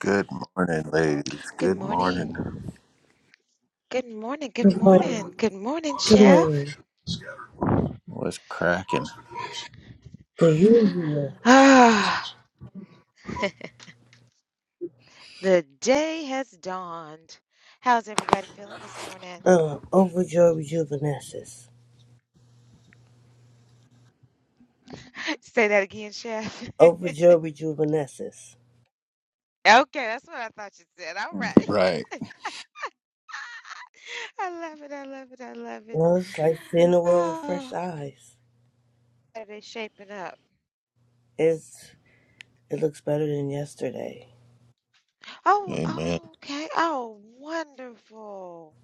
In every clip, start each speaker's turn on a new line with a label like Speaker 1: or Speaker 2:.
Speaker 1: Good morning, ladies.
Speaker 2: Good
Speaker 1: Good
Speaker 2: morning.
Speaker 1: morning.
Speaker 2: Good morning. Good
Speaker 3: Good morning.
Speaker 2: morning. Good morning,
Speaker 3: Good
Speaker 2: Chef.
Speaker 3: morning.
Speaker 1: What's cracking?
Speaker 3: The usual
Speaker 2: Ah, the day has dawned. How's everybody feeling this morning?
Speaker 3: uh, overjoyed rejuvenescence.
Speaker 2: Say that again, Chef. okay,
Speaker 3: Overjoyed rejuvenescence.
Speaker 2: that's what I thought you said. All
Speaker 1: Right.
Speaker 2: right. I love it. I love it. I love it.
Speaker 3: Well, it's like seeing the world with fresh
Speaker 2: Oh,
Speaker 3: eyes.
Speaker 2: how they shaping up.
Speaker 3: It's it looks better than yesterday.
Speaker 2: Oh,
Speaker 1: Amen.
Speaker 2: oh, okay. Oh, wonderful.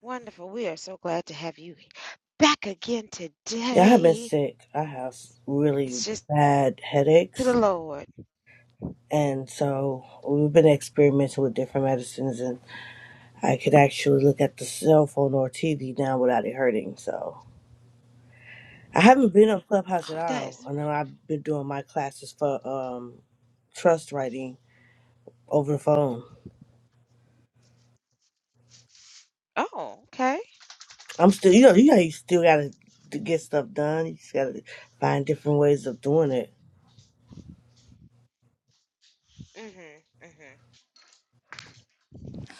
Speaker 2: Wonderful. We are so glad to have you back again
Speaker 3: Yeah, I've been
Speaker 2: today.
Speaker 3: sick. I have really
Speaker 2: It's just
Speaker 3: bad
Speaker 2: to
Speaker 3: headaches,
Speaker 2: the Lord.
Speaker 3: and so we've been experimenting with different medicines. And I could actually look at the cell phone or TV now without it hurting. So. I haven't been on Clubhouse at
Speaker 2: Oh, that is.
Speaker 3: all. I know I've been doing my classes for um trust writing over the phone.
Speaker 2: Oh, okay.
Speaker 3: I'm still, you know, you know, you still gotta to get stuff done. You just gotta find different ways of doing it.
Speaker 2: Mhm. Mhm.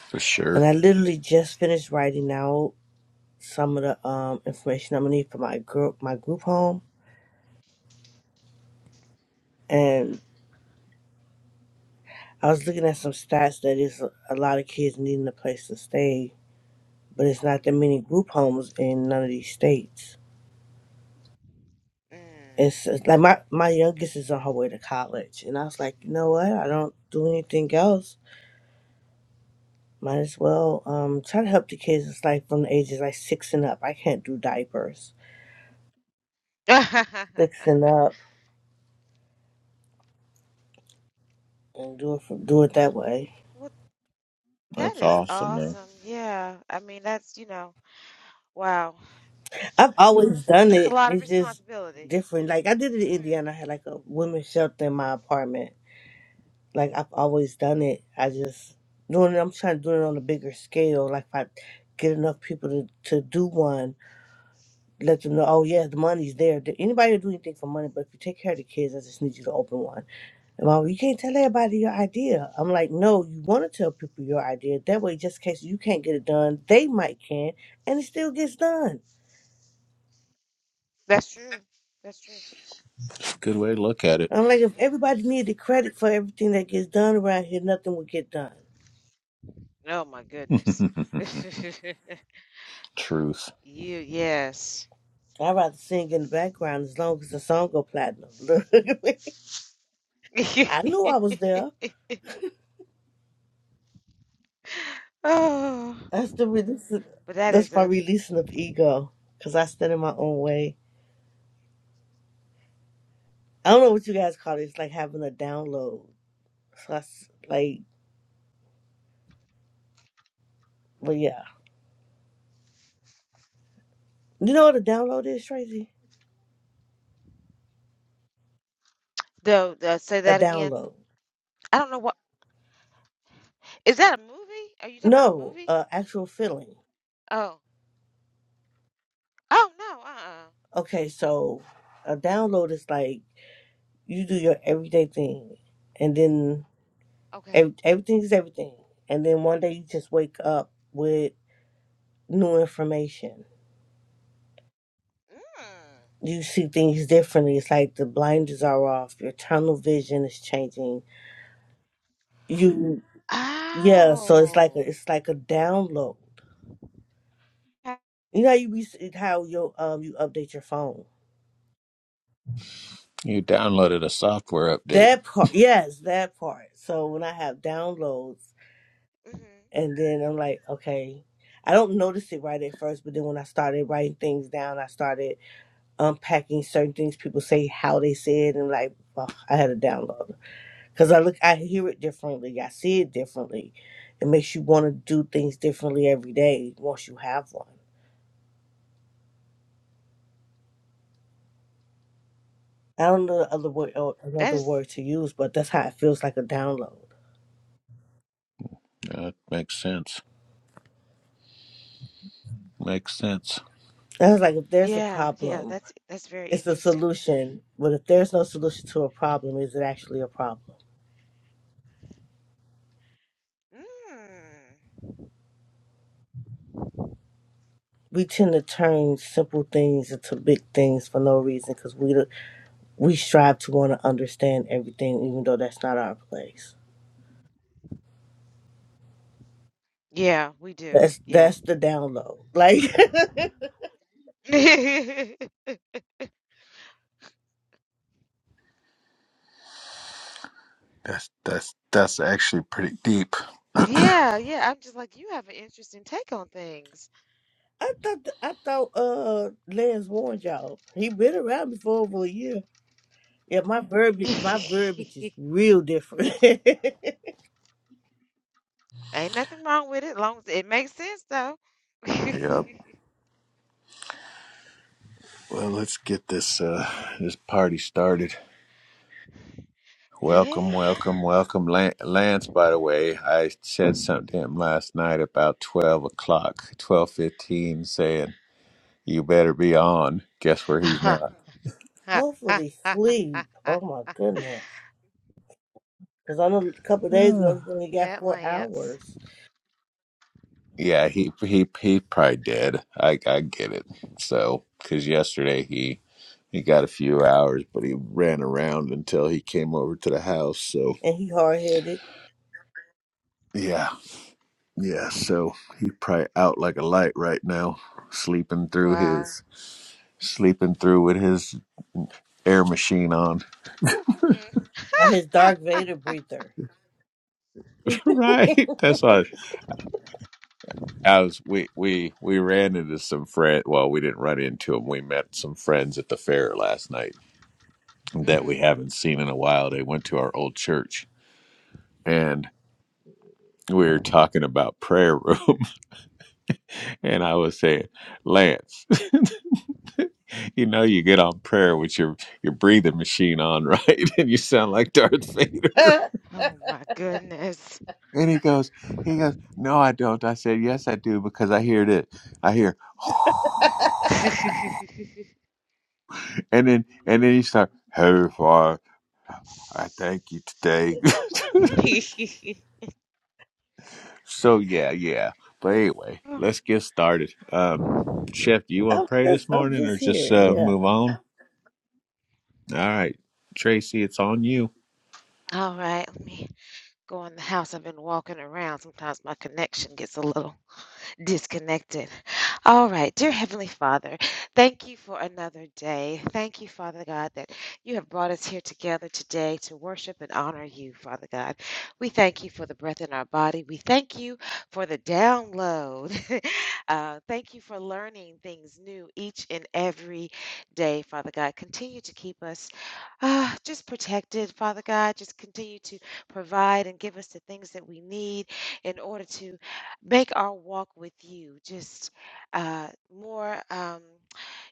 Speaker 1: For
Speaker 3: And
Speaker 1: sure.
Speaker 3: I literally just finished writing out some of the um information I'm gonna need for my group, my group home. And I was looking at some stats that is a lot of kids needing a place to stay, but it's not that many group homes in none of these states.
Speaker 2: Mm.
Speaker 3: it's, it's like my my youngest is on her way to college, and I was like, you know what? I don't do anything else. Might as well um try to help the kids. It's like from the ages like six and up. I can't do diapers six and up and do it from, do it that way.
Speaker 2: Well, that
Speaker 1: That's
Speaker 2: is
Speaker 1: awesome, man.
Speaker 2: awesome. Yeah. I mean, that's, you know, wow.
Speaker 3: I've always done
Speaker 2: That's a
Speaker 3: it.
Speaker 2: lot of
Speaker 3: It's just
Speaker 2: responsibility.
Speaker 3: different. Like I did it in
Speaker 2: Mhm.
Speaker 3: Indiana. I had like a women's shelter in my apartment. Like I've always done it. I just doing it. I'm trying to do it on a bigger scale. Like if I get enough people to to do one let them know, oh yeah, the money's there. Th- Anybody will do anything for money, but if you take care of the kids, I just need you to open one. And mom, you can't tell everybody your idea. I'm like, no, you want to tell people your idea. That way, just in case you can't get it done, they might can, and it still gets done.
Speaker 2: That's true. That's true.
Speaker 1: It's a good way to look at it.
Speaker 3: I'm like, if everybody
Speaker 2: Mhm.
Speaker 3: needed credit for everything that gets done around here, nothing would get done.
Speaker 2: Oh my goodness.
Speaker 1: Truth.
Speaker 2: You, yes.
Speaker 3: I'd rather sing in the background as long as the song go platinum. Look at me. I knew I was there.
Speaker 2: Oh,
Speaker 3: That's the release.
Speaker 2: but that is
Speaker 3: That's my
Speaker 2: a
Speaker 3: releasing of ego, cause I stand in my own way I don't know what you guys call it. It's like having a download. So I s like, but yeah. You know what a download is, Tracy?
Speaker 2: though. Uh, say
Speaker 3: A
Speaker 2: that again.
Speaker 3: download.
Speaker 2: I don't know what is that a movie? Are you talking about a
Speaker 3: No,
Speaker 2: movie?
Speaker 3: uh, actual feeling.
Speaker 2: Oh, oh no. Uh-uh.
Speaker 3: Okay, so a download is like you do your everyday thing, and then
Speaker 2: Okay.
Speaker 3: ev- everything is everything. And then one day you just wake up with new information.
Speaker 2: Mm.
Speaker 3: You see things differently. It's like the blinders are off. Your tunnel vision is changing. You, yeah. So it's like
Speaker 2: Oh.
Speaker 3: a, it's like a download
Speaker 2: Okay.
Speaker 3: You know how you be how your um you update your phone.
Speaker 1: You downloaded a software update.
Speaker 3: That part, yes, that part. So when I have downloads,
Speaker 2: Mhm.
Speaker 3: and then I'm like, okay, I don't notice it right at first, but then when I started writing things down, I started unpacking certain things people say, how they say it, and like, oh, I had a download because I look, I hear it differently, I see it differently. It makes you want to do things differently every day once you have one. I don't know the other word or
Speaker 2: That
Speaker 3: another
Speaker 2: is,
Speaker 3: word to use, but that's how it feels like a download.
Speaker 1: That makes sense. Makes sense.
Speaker 3: I was like, if there's a
Speaker 2: yeah, yeah,
Speaker 3: problem,
Speaker 2: that's that's very
Speaker 3: it's a
Speaker 2: interesting.
Speaker 3: solution. But if there's no solution to a problem, is it actually a problem?
Speaker 2: Mm.
Speaker 3: We tend to turn simple things into big things for no reason because we we strive to want to understand everything, even though that's not our place.
Speaker 2: Yeah, we do.
Speaker 3: That's
Speaker 2: Yeah.
Speaker 3: that's the download. Like
Speaker 1: That's that's that's actually pretty deep.
Speaker 2: Yeah, yeah. I'm just like, you have an interesting take on things.
Speaker 3: I thought, th- I thought uh Lance warned y'all. He been around me for over a year. Yeah, my verbiage, my verbiage is real different.
Speaker 2: Ain't nothing wrong with it, long as it makes sense though.
Speaker 1: Yep. Well, let's get this uh this party started. Welcome,
Speaker 2: Yeah.
Speaker 1: welcome, welcome, Lan- Lance. By the way, I said something to him last night about twelve o'clock, twelve fifteen, saying you better be on. Guess where he's
Speaker 2: That
Speaker 1: not?
Speaker 3: Hopefully, sleep. Oh my goodness. Because I know a couple of days
Speaker 1: Oh.
Speaker 3: ago he only got four
Speaker 2: Lance.
Speaker 3: hours,
Speaker 1: Yeah, he he he probably did. I I get it. So because yesterday he he got a few hours, but he ran around until he came over to the house. So
Speaker 3: and he hard headed.
Speaker 1: yeah, yeah. So he probably out like a light right now, sleeping through
Speaker 2: Wow.
Speaker 1: his sleeping through with his air machine on.
Speaker 2: Mm.
Speaker 3: His
Speaker 2: Ah,
Speaker 3: Dark Vader breather.
Speaker 1: right. That's why I was we we we ran into some friend well, we didn't run into them. We met some friends at the fair last night that we
Speaker 2: mhm.
Speaker 1: haven't seen in a while. They went to our old church and we were talking about prayer room and I was saying, Lance, you know you get on prayer with your your breathing machine on, right? And you sound like Darth Vader.
Speaker 3: I'm
Speaker 2: Oh my goodness.
Speaker 1: And he goes, he goes, No, I don't. I said, Yes, I do, because I hear this. I hear
Speaker 2: All
Speaker 1: And then and then he started, Heavenly Father, I thank you today. so yeah, yeah. But anyway, let's get started. Um Chef, do you want to pray
Speaker 3: just,
Speaker 1: this
Speaker 3: I'm
Speaker 1: morning or
Speaker 3: just here.
Speaker 1: just uh
Speaker 3: Yeah.
Speaker 1: move on? All right. Tracy, it's on you.
Speaker 2: right, let me go in the house. I've been walking around. Sometimes my connection gets a little disconnected. All right, dear Heavenly Father, thank you for another day. Thank you, Father God, that you have brought us here together today to worship and honor you, Father God. We thank you for the breath in our body. We thank you for the download. uh, thank you for learning things new each and every day, Father God. Continue to keep us uh, just protected, Father God. Just continue to provide and give us the things that we need in order to make our walk with you just uh, more. Um,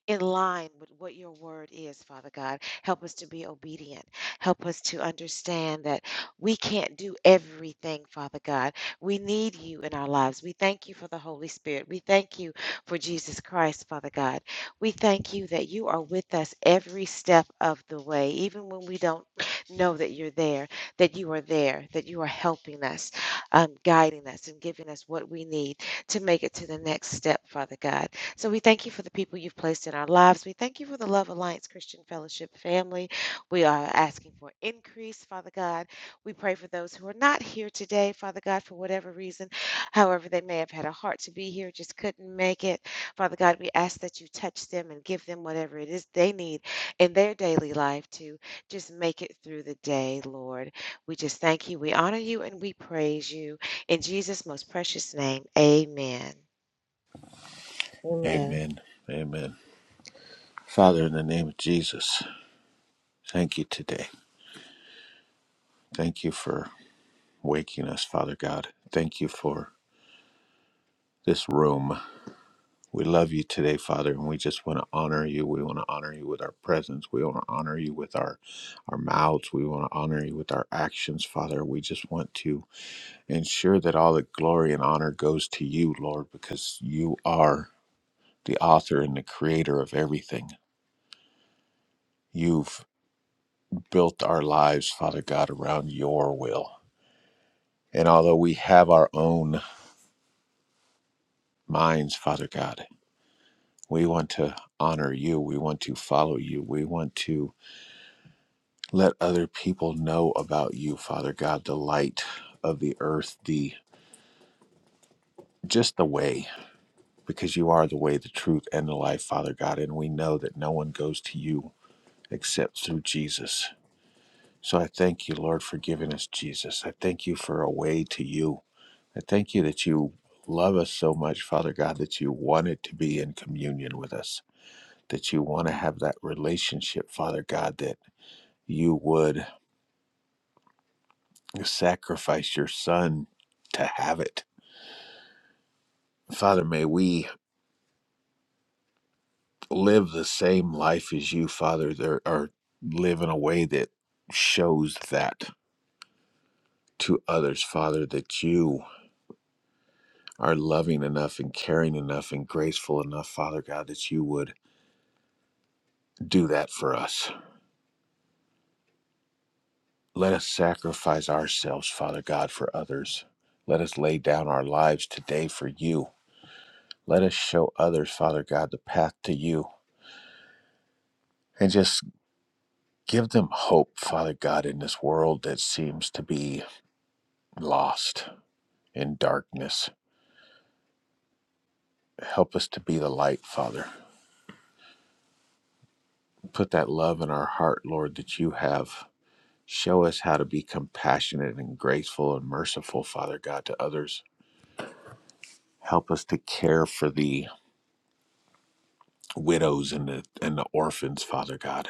Speaker 2: in line with what your word is, Father God. Help us to be obedient. Help us to understand that we can't do everything, Father God. We need you in our lives. We thank you for the Holy Spirit. We thank you for Jesus Christ, Father God. We thank you that you are with us every step of the way, even when we don't know that you're there, that you are there, that you are helping us, um, guiding us, and giving us what we need to make it to the next step, Father God. So we thank you for the people you've placed in our lives. We thank you for the Love Alliance Christian Fellowship family. We are asking for increase, Father God. We pray for those who are not here today, Father God, for whatever reason. However, they may have had a heart to be here, just couldn't make it. Father God, we ask that you touch them and give them whatever it is they need in their daily life to just make it through the day, Lord. We just thank you. We honor you and we praise you. In Jesus' most precious name, amen.
Speaker 3: Amen.
Speaker 1: Amen. Amen. Father, in the name of Jesus, thank you today. Thank you for waking us, Father God. Thank you for this room. We love you today, Father, and we just want to honor you. We want to honor you with our presence. We want to honor you with our, our mouths. We want to honor you with our actions, Father. We just want to ensure that all the glory and honor goes to you, Lord, because you are the author and the creator of everything. You've built our lives, Father God, around your will. And although we have our own minds, Father God, we want to honor you. We want to follow you. We want to Let other people know about you, Father God, the light of the earth, the just the way, because you are the way, the truth, and the life, Father God. And we know that no one goes to you except through Jesus. So I thank you, Lord, for giving us Jesus. I thank you for a way to you. I thank you that you love us so much, Father God, that you wanted to be in communion with us, that you want to have that relationship, Father God, that you would sacrifice your son to have it Father, may we live the same life as you, Father, there, or live in a way that shows that to others, Father, that you are loving enough and caring enough and graceful enough, Father God, that you would do that for us. Let us sacrifice ourselves, Father God, for others. Let us lay down our lives today for you. Let us show others, Father God, the path to you and just give them hope, Father God, in this world that seems to be lost. in darkness. Help us to be the light, Father. Put that love in our heart, Lord, that you have. Show us how to be compassionate and graceful and merciful, Father God, to others. Help us to care for the widows and the, and the orphans, Father God.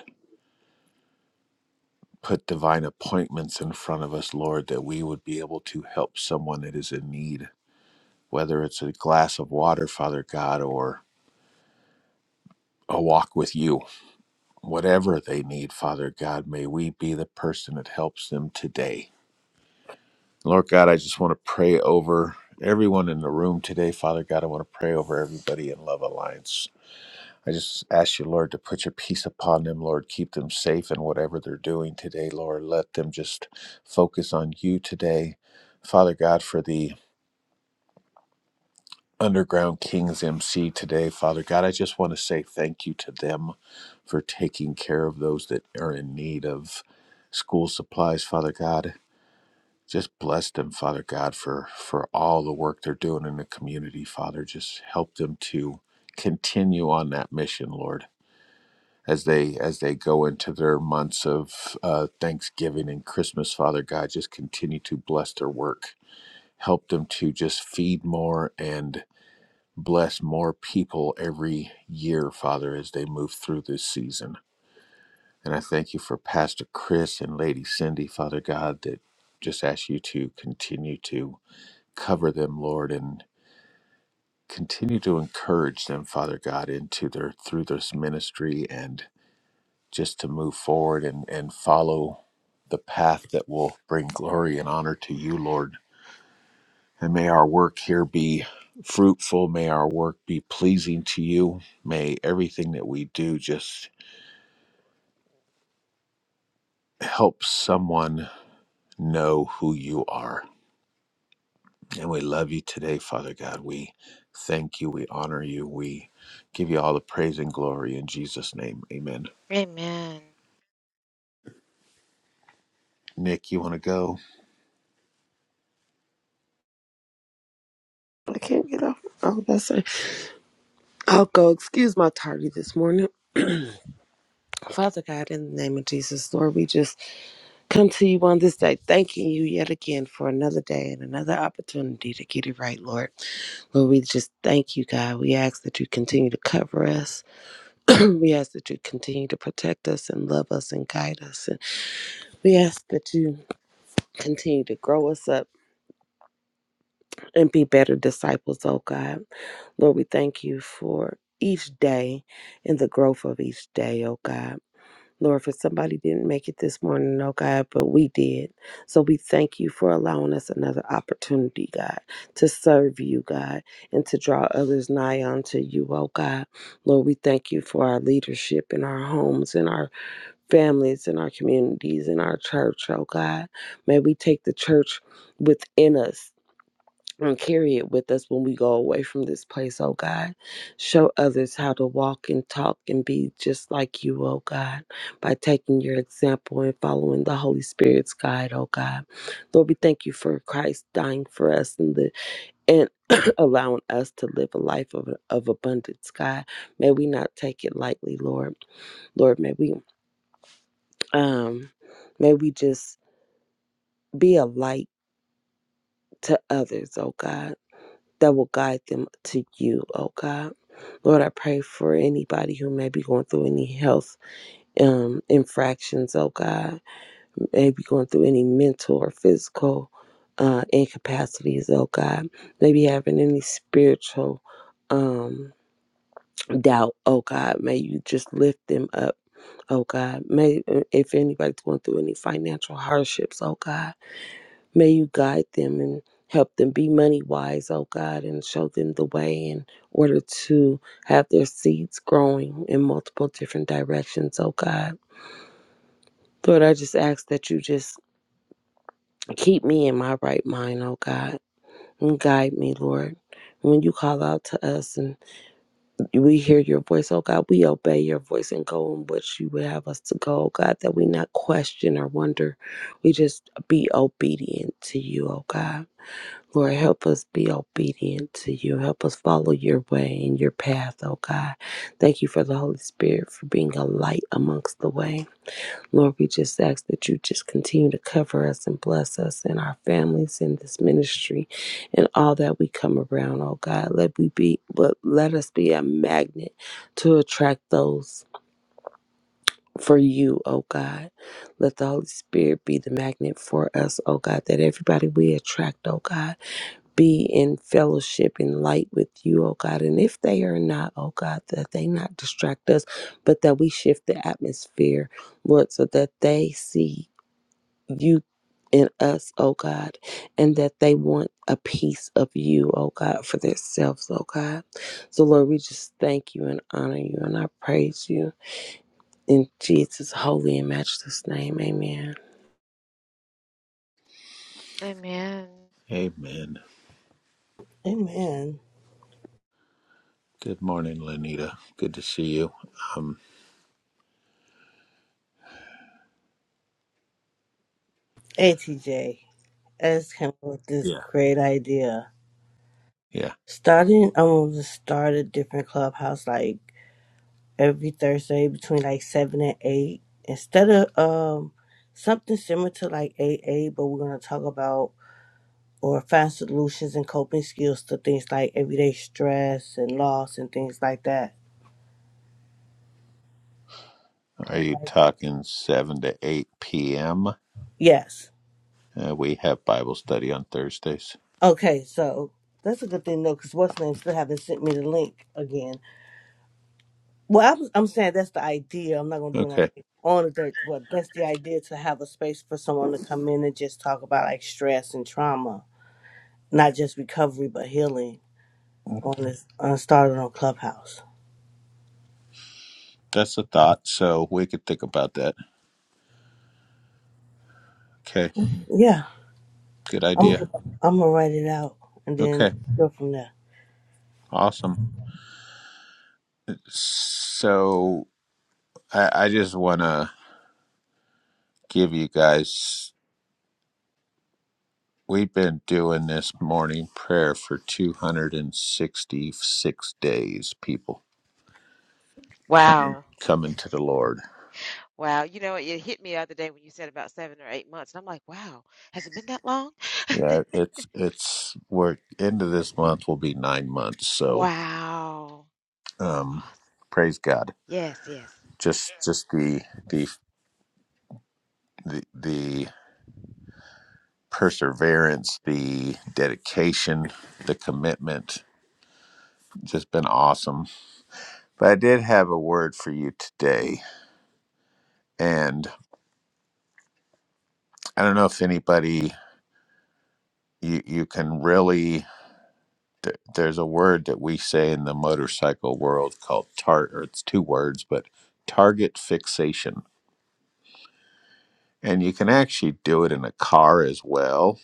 Speaker 1: Put divine appointments in front of us, Lord, that we would be able to help someone that is in need, whether it's a glass of water, Father God, or a walk with you whatever they need, Father God, may we be the person that helps them today. Lord God, I just want to pray over everyone in the room today. Father God, I want to pray over everybody in Love Alliance. I just ask you, Lord, to put your peace upon them, Lord. Keep them safe in whatever they're doing today, Lord. Let them just focus on you today. Father God, for the Underground Kings MC today, Father God. I just want to say thank you to them for taking care of those that are in need of school supplies, Father God. Just bless them, Father God, for for all the work they're doing in the community, Father. Just help them to continue on that mission, Lord. As they as they go into their months of uh, Thanksgiving and Christmas, Father God, just continue to bless their work. Help them to just feed more and bless more people every year, Father, as they move through this season. And I thank you for Pastor Chris and Lady Cindy, Father God, that just ask you to continue to cover them, Lord, and continue to encourage them, Father God, into their through this ministry and just to move forward and, and follow the path that will bring glory and honor to you, Lord And may our work here be fruitful. May our work be pleasing to you. May everything that we do just help someone know who you are. And we love you today, Father God. We thank you. We honor you. We give you all the praise and glory in Jesus' name. Amen.
Speaker 2: Amen.
Speaker 1: Nick, you want to go?
Speaker 4: I can't get off. Oh, that's it. I'll go. Excuse my tardy this morning. Father God, in the name of Jesus, Lord, we just come to you on this day, thanking you yet again for another day and another opportunity to get it right, Lord. Lord, we just thank you, God. We ask that you continue to cover us. we ask that you continue to protect us and love us and guide us. And we ask that you continue to grow us up. and be better disciples, oh God. Lord, we thank you for each day and the growth of each day, oh God. Lord, for somebody didn't make it this morning, oh God, but we did. So we thank you for allowing us another opportunity, God, to serve you, God, and to draw others nigh unto you, oh God. Lord, we thank you for our leadership in our homes, in our families, in our communities, in our church, oh God. May we take the church within us and carry it with us when we go away from this place, oh God. Show others how to walk and talk and be just like you, oh God, by taking your example and following the Holy Spirit's guide, oh God. Lord, we thank you for Christ dying for us and the and allowing us to live a life of, of abundance, God. May we not take it lightly, Lord. Lord, may we um may we just be a light to others, oh God that will guide them to you, oh God. Lord, I pray for anybody who may be going through any health um, infractions, oh God, may be going through any mental or physical uh, incapacities, oh God, maybe having any spiritual um, doubt, oh God, may you just lift them up, oh God. May uh, if anybody's going through any financial hardships, oh God. May you guide them and help them be money wise, oh God, and show them the way in order to have their seeds growing in multiple different directions, oh God. Lord, I just ask that you just keep me in my right mind, oh God, and guide me, Lord. When you call out to us and we hear your voice, oh God, we obey your voice and go in which you would have us to go, oh God, that we not question or wonder. We just be obedient to you, oh God. Lord, help us be obedient to you. Help us follow your way and your path, oh God. Thank you for the Holy Spirit for being a light amongst the way. Lord, we just ask that you just continue to cover us and bless us and our families in this ministry and all that we come around, oh God. Let we be but let us be a magnet to attract those for you, oh God. Let the Holy Spirit be the magnet for us, oh God, that everybody we attract, oh God be in fellowship and light with you, oh God. And if they are not, oh God, that they not distract us, but that we shift the atmosphere, Lord, so that they see you in us, oh God, and that they want a piece of you, oh God, for themselves, oh God. So, Lord, we just thank you and honor you and I praise you in Jesus' holy and matchless name. Amen.
Speaker 2: Amen.
Speaker 1: Amen.
Speaker 3: Amen.
Speaker 1: Good morning, Lenita. Good to see you. Um,
Speaker 3: Hey, TJ, I just came up with this
Speaker 1: yeah.
Speaker 3: great idea.
Speaker 1: Yeah.
Speaker 3: Starting, I'm going to start a different clubhouse like every Thursday between like 7 and 8. Instead of um something similar to like AA, but we're going to talk about or find solutions and coping skills to things like everyday stress and loss and things like that.
Speaker 1: Are you talking 7 to 8 p.m.?
Speaker 3: Yes.
Speaker 1: Uh, we have Bible study on Thursdays.
Speaker 3: Okay, so that's a good thing though, because what's name still haven't sent me the link again. Well, I was, I'm saying that's the idea. I'm not gonna do it on,
Speaker 1: Okay,
Speaker 3: on the dirt, but that's the idea to have a space for someone to come in and just talk about like stress and trauma, not just recovery but healing on this on started on Clubhouse.
Speaker 1: that's a thought. So we could think about that. Okay,
Speaker 3: Yeah,
Speaker 1: good idea.
Speaker 3: I'm I'm gonna write it out and then
Speaker 1: Okay,
Speaker 3: go from there.
Speaker 1: awesome. So I, I just want to give you guys. We've been doing this morning prayer for 266 days. People coming
Speaker 2: Wow.
Speaker 1: coming to the Lord.
Speaker 2: Wow. You know, it hit me the other day when you said about seven or eight months. And I'm like, wow, has it been that long?
Speaker 1: Yeah, it's it's we're end of this month will be nine months. So
Speaker 2: Wow.
Speaker 1: um,
Speaker 2: Awes-
Speaker 1: praise God.
Speaker 2: Yes, yes.
Speaker 1: Just just the the the the perseverance, the dedication, the commitment. Just been awesome. But I did have a word for you today. And I don't know if anybody, you, you can really, th- there's a word that we say in the motorcycle world called tar, or it's two words, but target fixation. And you can actually do it in a car as well.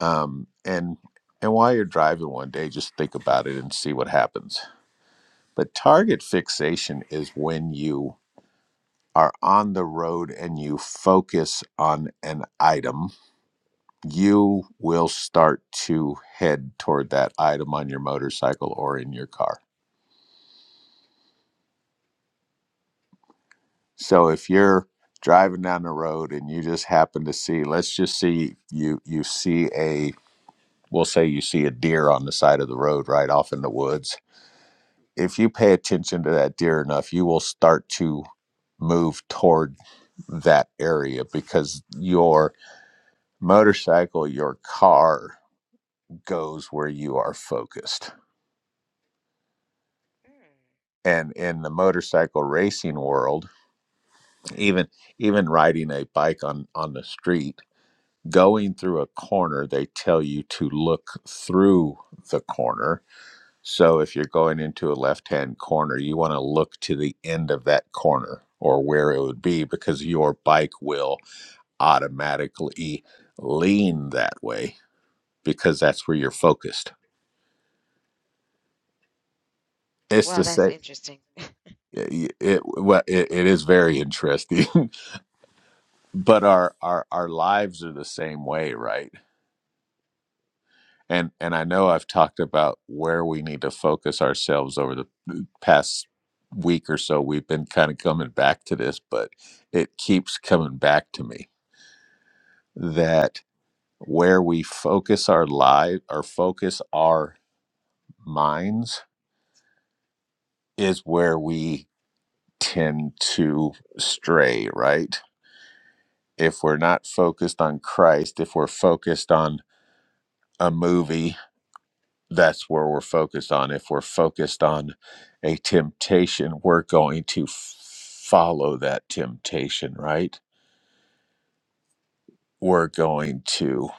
Speaker 1: Um, and and while you're driving one day, just think about it and see what happens. But target fixation is when you are on the road and you focus on an item, you will start to head toward that item on your motorcycle or in your car. So if you're driving down the road and you just happen to see, let's just see you you see a we'll say you see a deer on the side of the road right off in the woods. If you pay attention to that deer enough, you will start to move toward that area because your motorcycle, your car, goes where you are focused.
Speaker 2: Mm.
Speaker 1: And in the motorcycle racing world, even even riding a bike on on the street, going through a corner, they tell you to look through the corner. So if you're going into a left-hand corner, you want to look to the end of that corner or where it would be because your bike will automatically lean that way because that's where you're focused. It's
Speaker 2: Wow,
Speaker 1: the
Speaker 2: that's
Speaker 1: same.
Speaker 2: interesting.
Speaker 1: it, it well it, it is very interesting but our our our lives are the same way right and and i know i've talked about where we need to focus ourselves over the past week or so we've been kind of coming back to this but it keeps coming back to me that where we focus our life or focus our minds is where we tend to stray right if we're not focused on Christ, if we're focused on a movie, that's where we're focused on. If we're focused on a temptation, we're going to f- follow that temptation, right? We're going to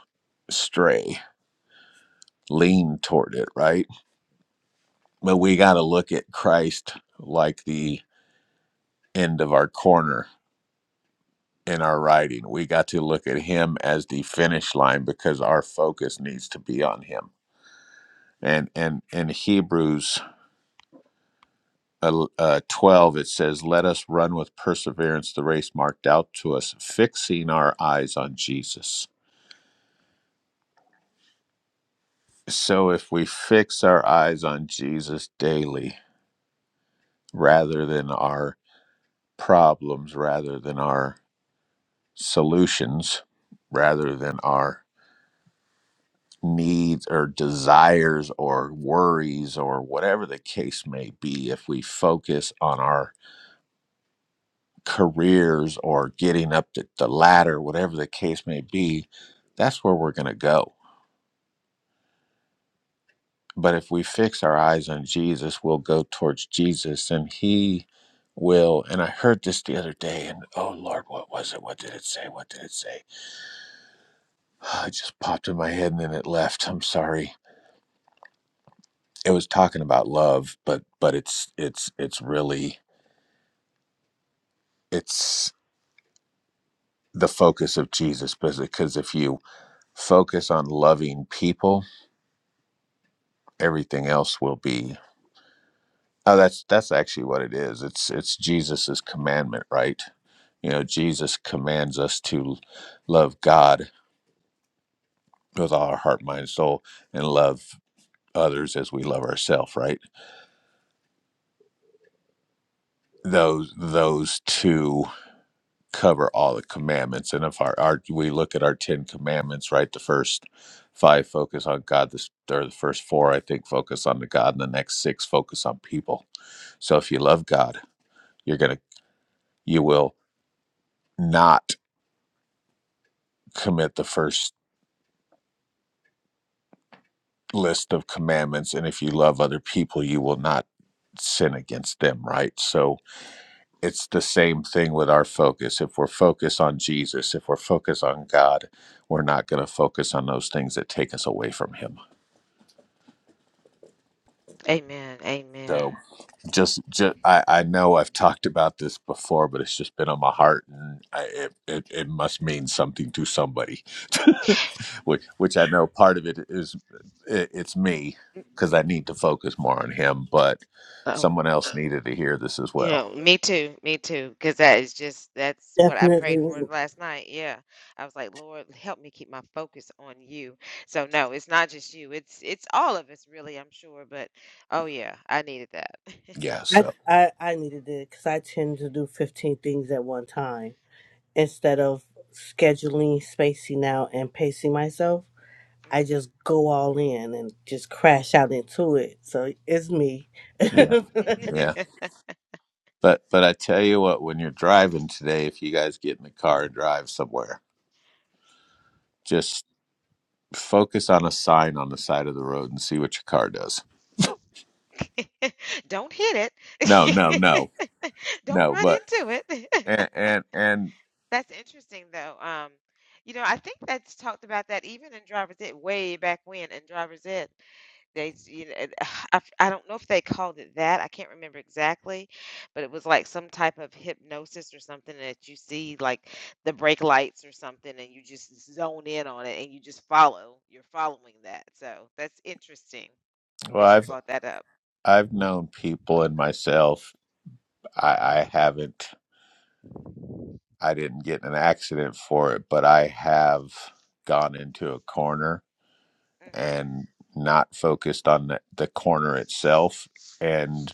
Speaker 1: stray, lean toward it, right? But we got to look at Christ like the end of our corner in our writing. We got to look at him as the finish line because our focus needs to be on him. And and in Hebrews uh, uh, 12, it says, Let us run with perseverance the race marked out to us, fixing our eyes on Jesus. So if we fix our eyes on Jesus daily rather than our problems, rather than our solutions, rather than our needs or desires or worries or whatever the case may be, if we focus on our careers or getting up the, the ladder, whatever the case may be, that's where we're going to go. But if we fix our eyes on Jesus, we'll go towards Jesus and He will. And I heard this the other day, and oh Lord, what was it? What did it say? What did it say? It just popped in my head and then it left. I'm sorry. It was talking about love, but but it's it's it's really it's the focus of Jesus because if you focus on loving people, everything else will be Oh, that's that's actually what it is. It's it's Jesus's commandment, right? You know, Jesus commands us to love God with all our heart, mind, soul, and love others as we love ourselves, right? Those those two cover all the commandments. And if our, our we look at our Ten Commandments, right, the first five focus on God, this or the first four I think focus on the God, and the next six focus on people. So if you love God, you're gonna you will not commit the first list of commandments and if you love other people you will not sin against them right so it's the same thing with our focus if we're focused on jesus if we're focused on god we're not going to focus on those things that take us away from him
Speaker 2: Amen. Amen.
Speaker 1: so just, just I, I know i've talked about this before but it's just been on my heart and I, it, it, it must mean something to somebody which which I know part of it is i- it's me because I need to focus more on him, but someone else needed to hear this as
Speaker 2: You
Speaker 1: well.
Speaker 2: know, me too, me too, because that is just that's what I prayed for
Speaker 3: Definitely.
Speaker 2: last night. Yeah. I was like, Lord, help me keep my focus on you. So no, it's not just you. It's it's all of us really, I'm sure, but oh yeah, I needed that.
Speaker 1: Yeah,
Speaker 3: I
Speaker 1: so
Speaker 3: I, I needed it because I tend to do fifteen things at one time instead of scheduling, spacing out, and pacing myself. I just
Speaker 2: Mm.
Speaker 3: go all in and just crash out into it. So it's me. I
Speaker 1: yeah, yeah. But but I tell you what, when you're driving today, if you guys get in the car and drive somewhere, just focus on a sign on the side of the road and see what your car does.
Speaker 2: Don't hit
Speaker 1: No, no, no,
Speaker 2: it. Don't
Speaker 1: no.
Speaker 2: run
Speaker 1: But
Speaker 2: into it.
Speaker 1: and and and
Speaker 2: That's interesting though. Um, you know, I think that's talked about that even in Driver's Ed way back when in Driver's Ed. They, s- you know, it- I, f- I don't know if they called it that. I can't remember exactly, but it was like some type of hypnosis or something that you see, like the brake lights or something, and you just zone in on it and you just follow. You're following that. So that's interesting
Speaker 1: well,
Speaker 2: that you
Speaker 1: I've
Speaker 2: brought that up.
Speaker 1: I've known people and myself. I, I haven't. I didn't get in an accident for it, but I have gone into a corner
Speaker 2: hmm
Speaker 1: and not focused on the, the corner itself. And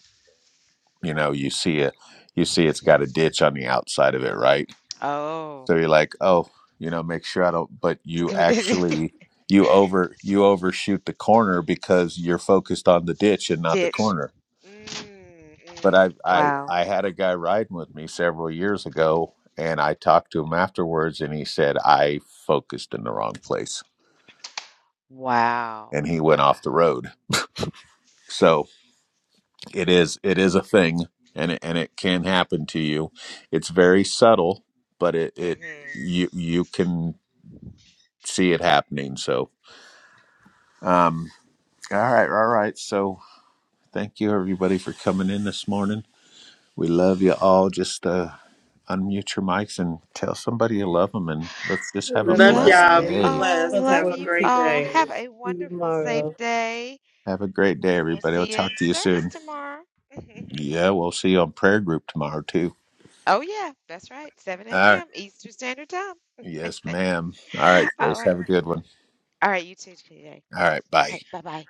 Speaker 1: you know, you see a you see it's got a ditch on the outside of it, right?
Speaker 2: Oh,
Speaker 1: So you're like, oh, you know, make sure I don't. But you
Speaker 2: ditch.
Speaker 1: actually you over you overshoot the corner because you're focused on the ditch and not the corner.
Speaker 2: Mm, mm.
Speaker 1: but I I
Speaker 2: Wow.
Speaker 1: I had a guy riding with me several years ago, and I talked to him afterwards, and he said I focused in the wrong place,
Speaker 2: Wow.
Speaker 1: and he went
Speaker 2: Wow.
Speaker 1: off the road. So it is it is a thing, and it, and it can happen to you. It's very subtle, but it it
Speaker 2: hmm
Speaker 1: you you can see it happening. So um, all right, all right. So thank you everybody for coming in this morning. We love you all. Just uh unmute your mics and tell somebody you love them. And let's just have a
Speaker 3: love you
Speaker 4: Love
Speaker 2: Love
Speaker 1: blessed
Speaker 4: y'all.
Speaker 2: you
Speaker 3: guys.
Speaker 4: Be
Speaker 3: and
Speaker 1: day.
Speaker 3: Thanks
Speaker 2: all.
Speaker 4: blessed.
Speaker 3: for the
Speaker 2: Love
Speaker 4: Have a
Speaker 3: word,
Speaker 2: you
Speaker 4: great
Speaker 2: all.
Speaker 4: day.
Speaker 3: teachers.
Speaker 2: Have a
Speaker 3: See you
Speaker 2: wonderful, safe
Speaker 3: tomorrow.
Speaker 2: day.
Speaker 1: Have a great day,
Speaker 2: And we'll
Speaker 1: everybody. I'll
Speaker 2: see you
Speaker 1: talk
Speaker 2: in
Speaker 1: to you
Speaker 2: service
Speaker 1: soon.
Speaker 2: tomorrow.
Speaker 1: Yeah, we'll see you on prayer group tomorrow, too.
Speaker 2: Oh, yeah, that's right. 7
Speaker 1: All right.
Speaker 2: a.m. Eastern Standard Time.
Speaker 1: Yes, ma'am. All right,
Speaker 2: All
Speaker 1: Grace.
Speaker 2: right.
Speaker 1: Have a good one.
Speaker 2: All right, you too, today.
Speaker 1: All right. Bye.
Speaker 2: Okay, bye bye.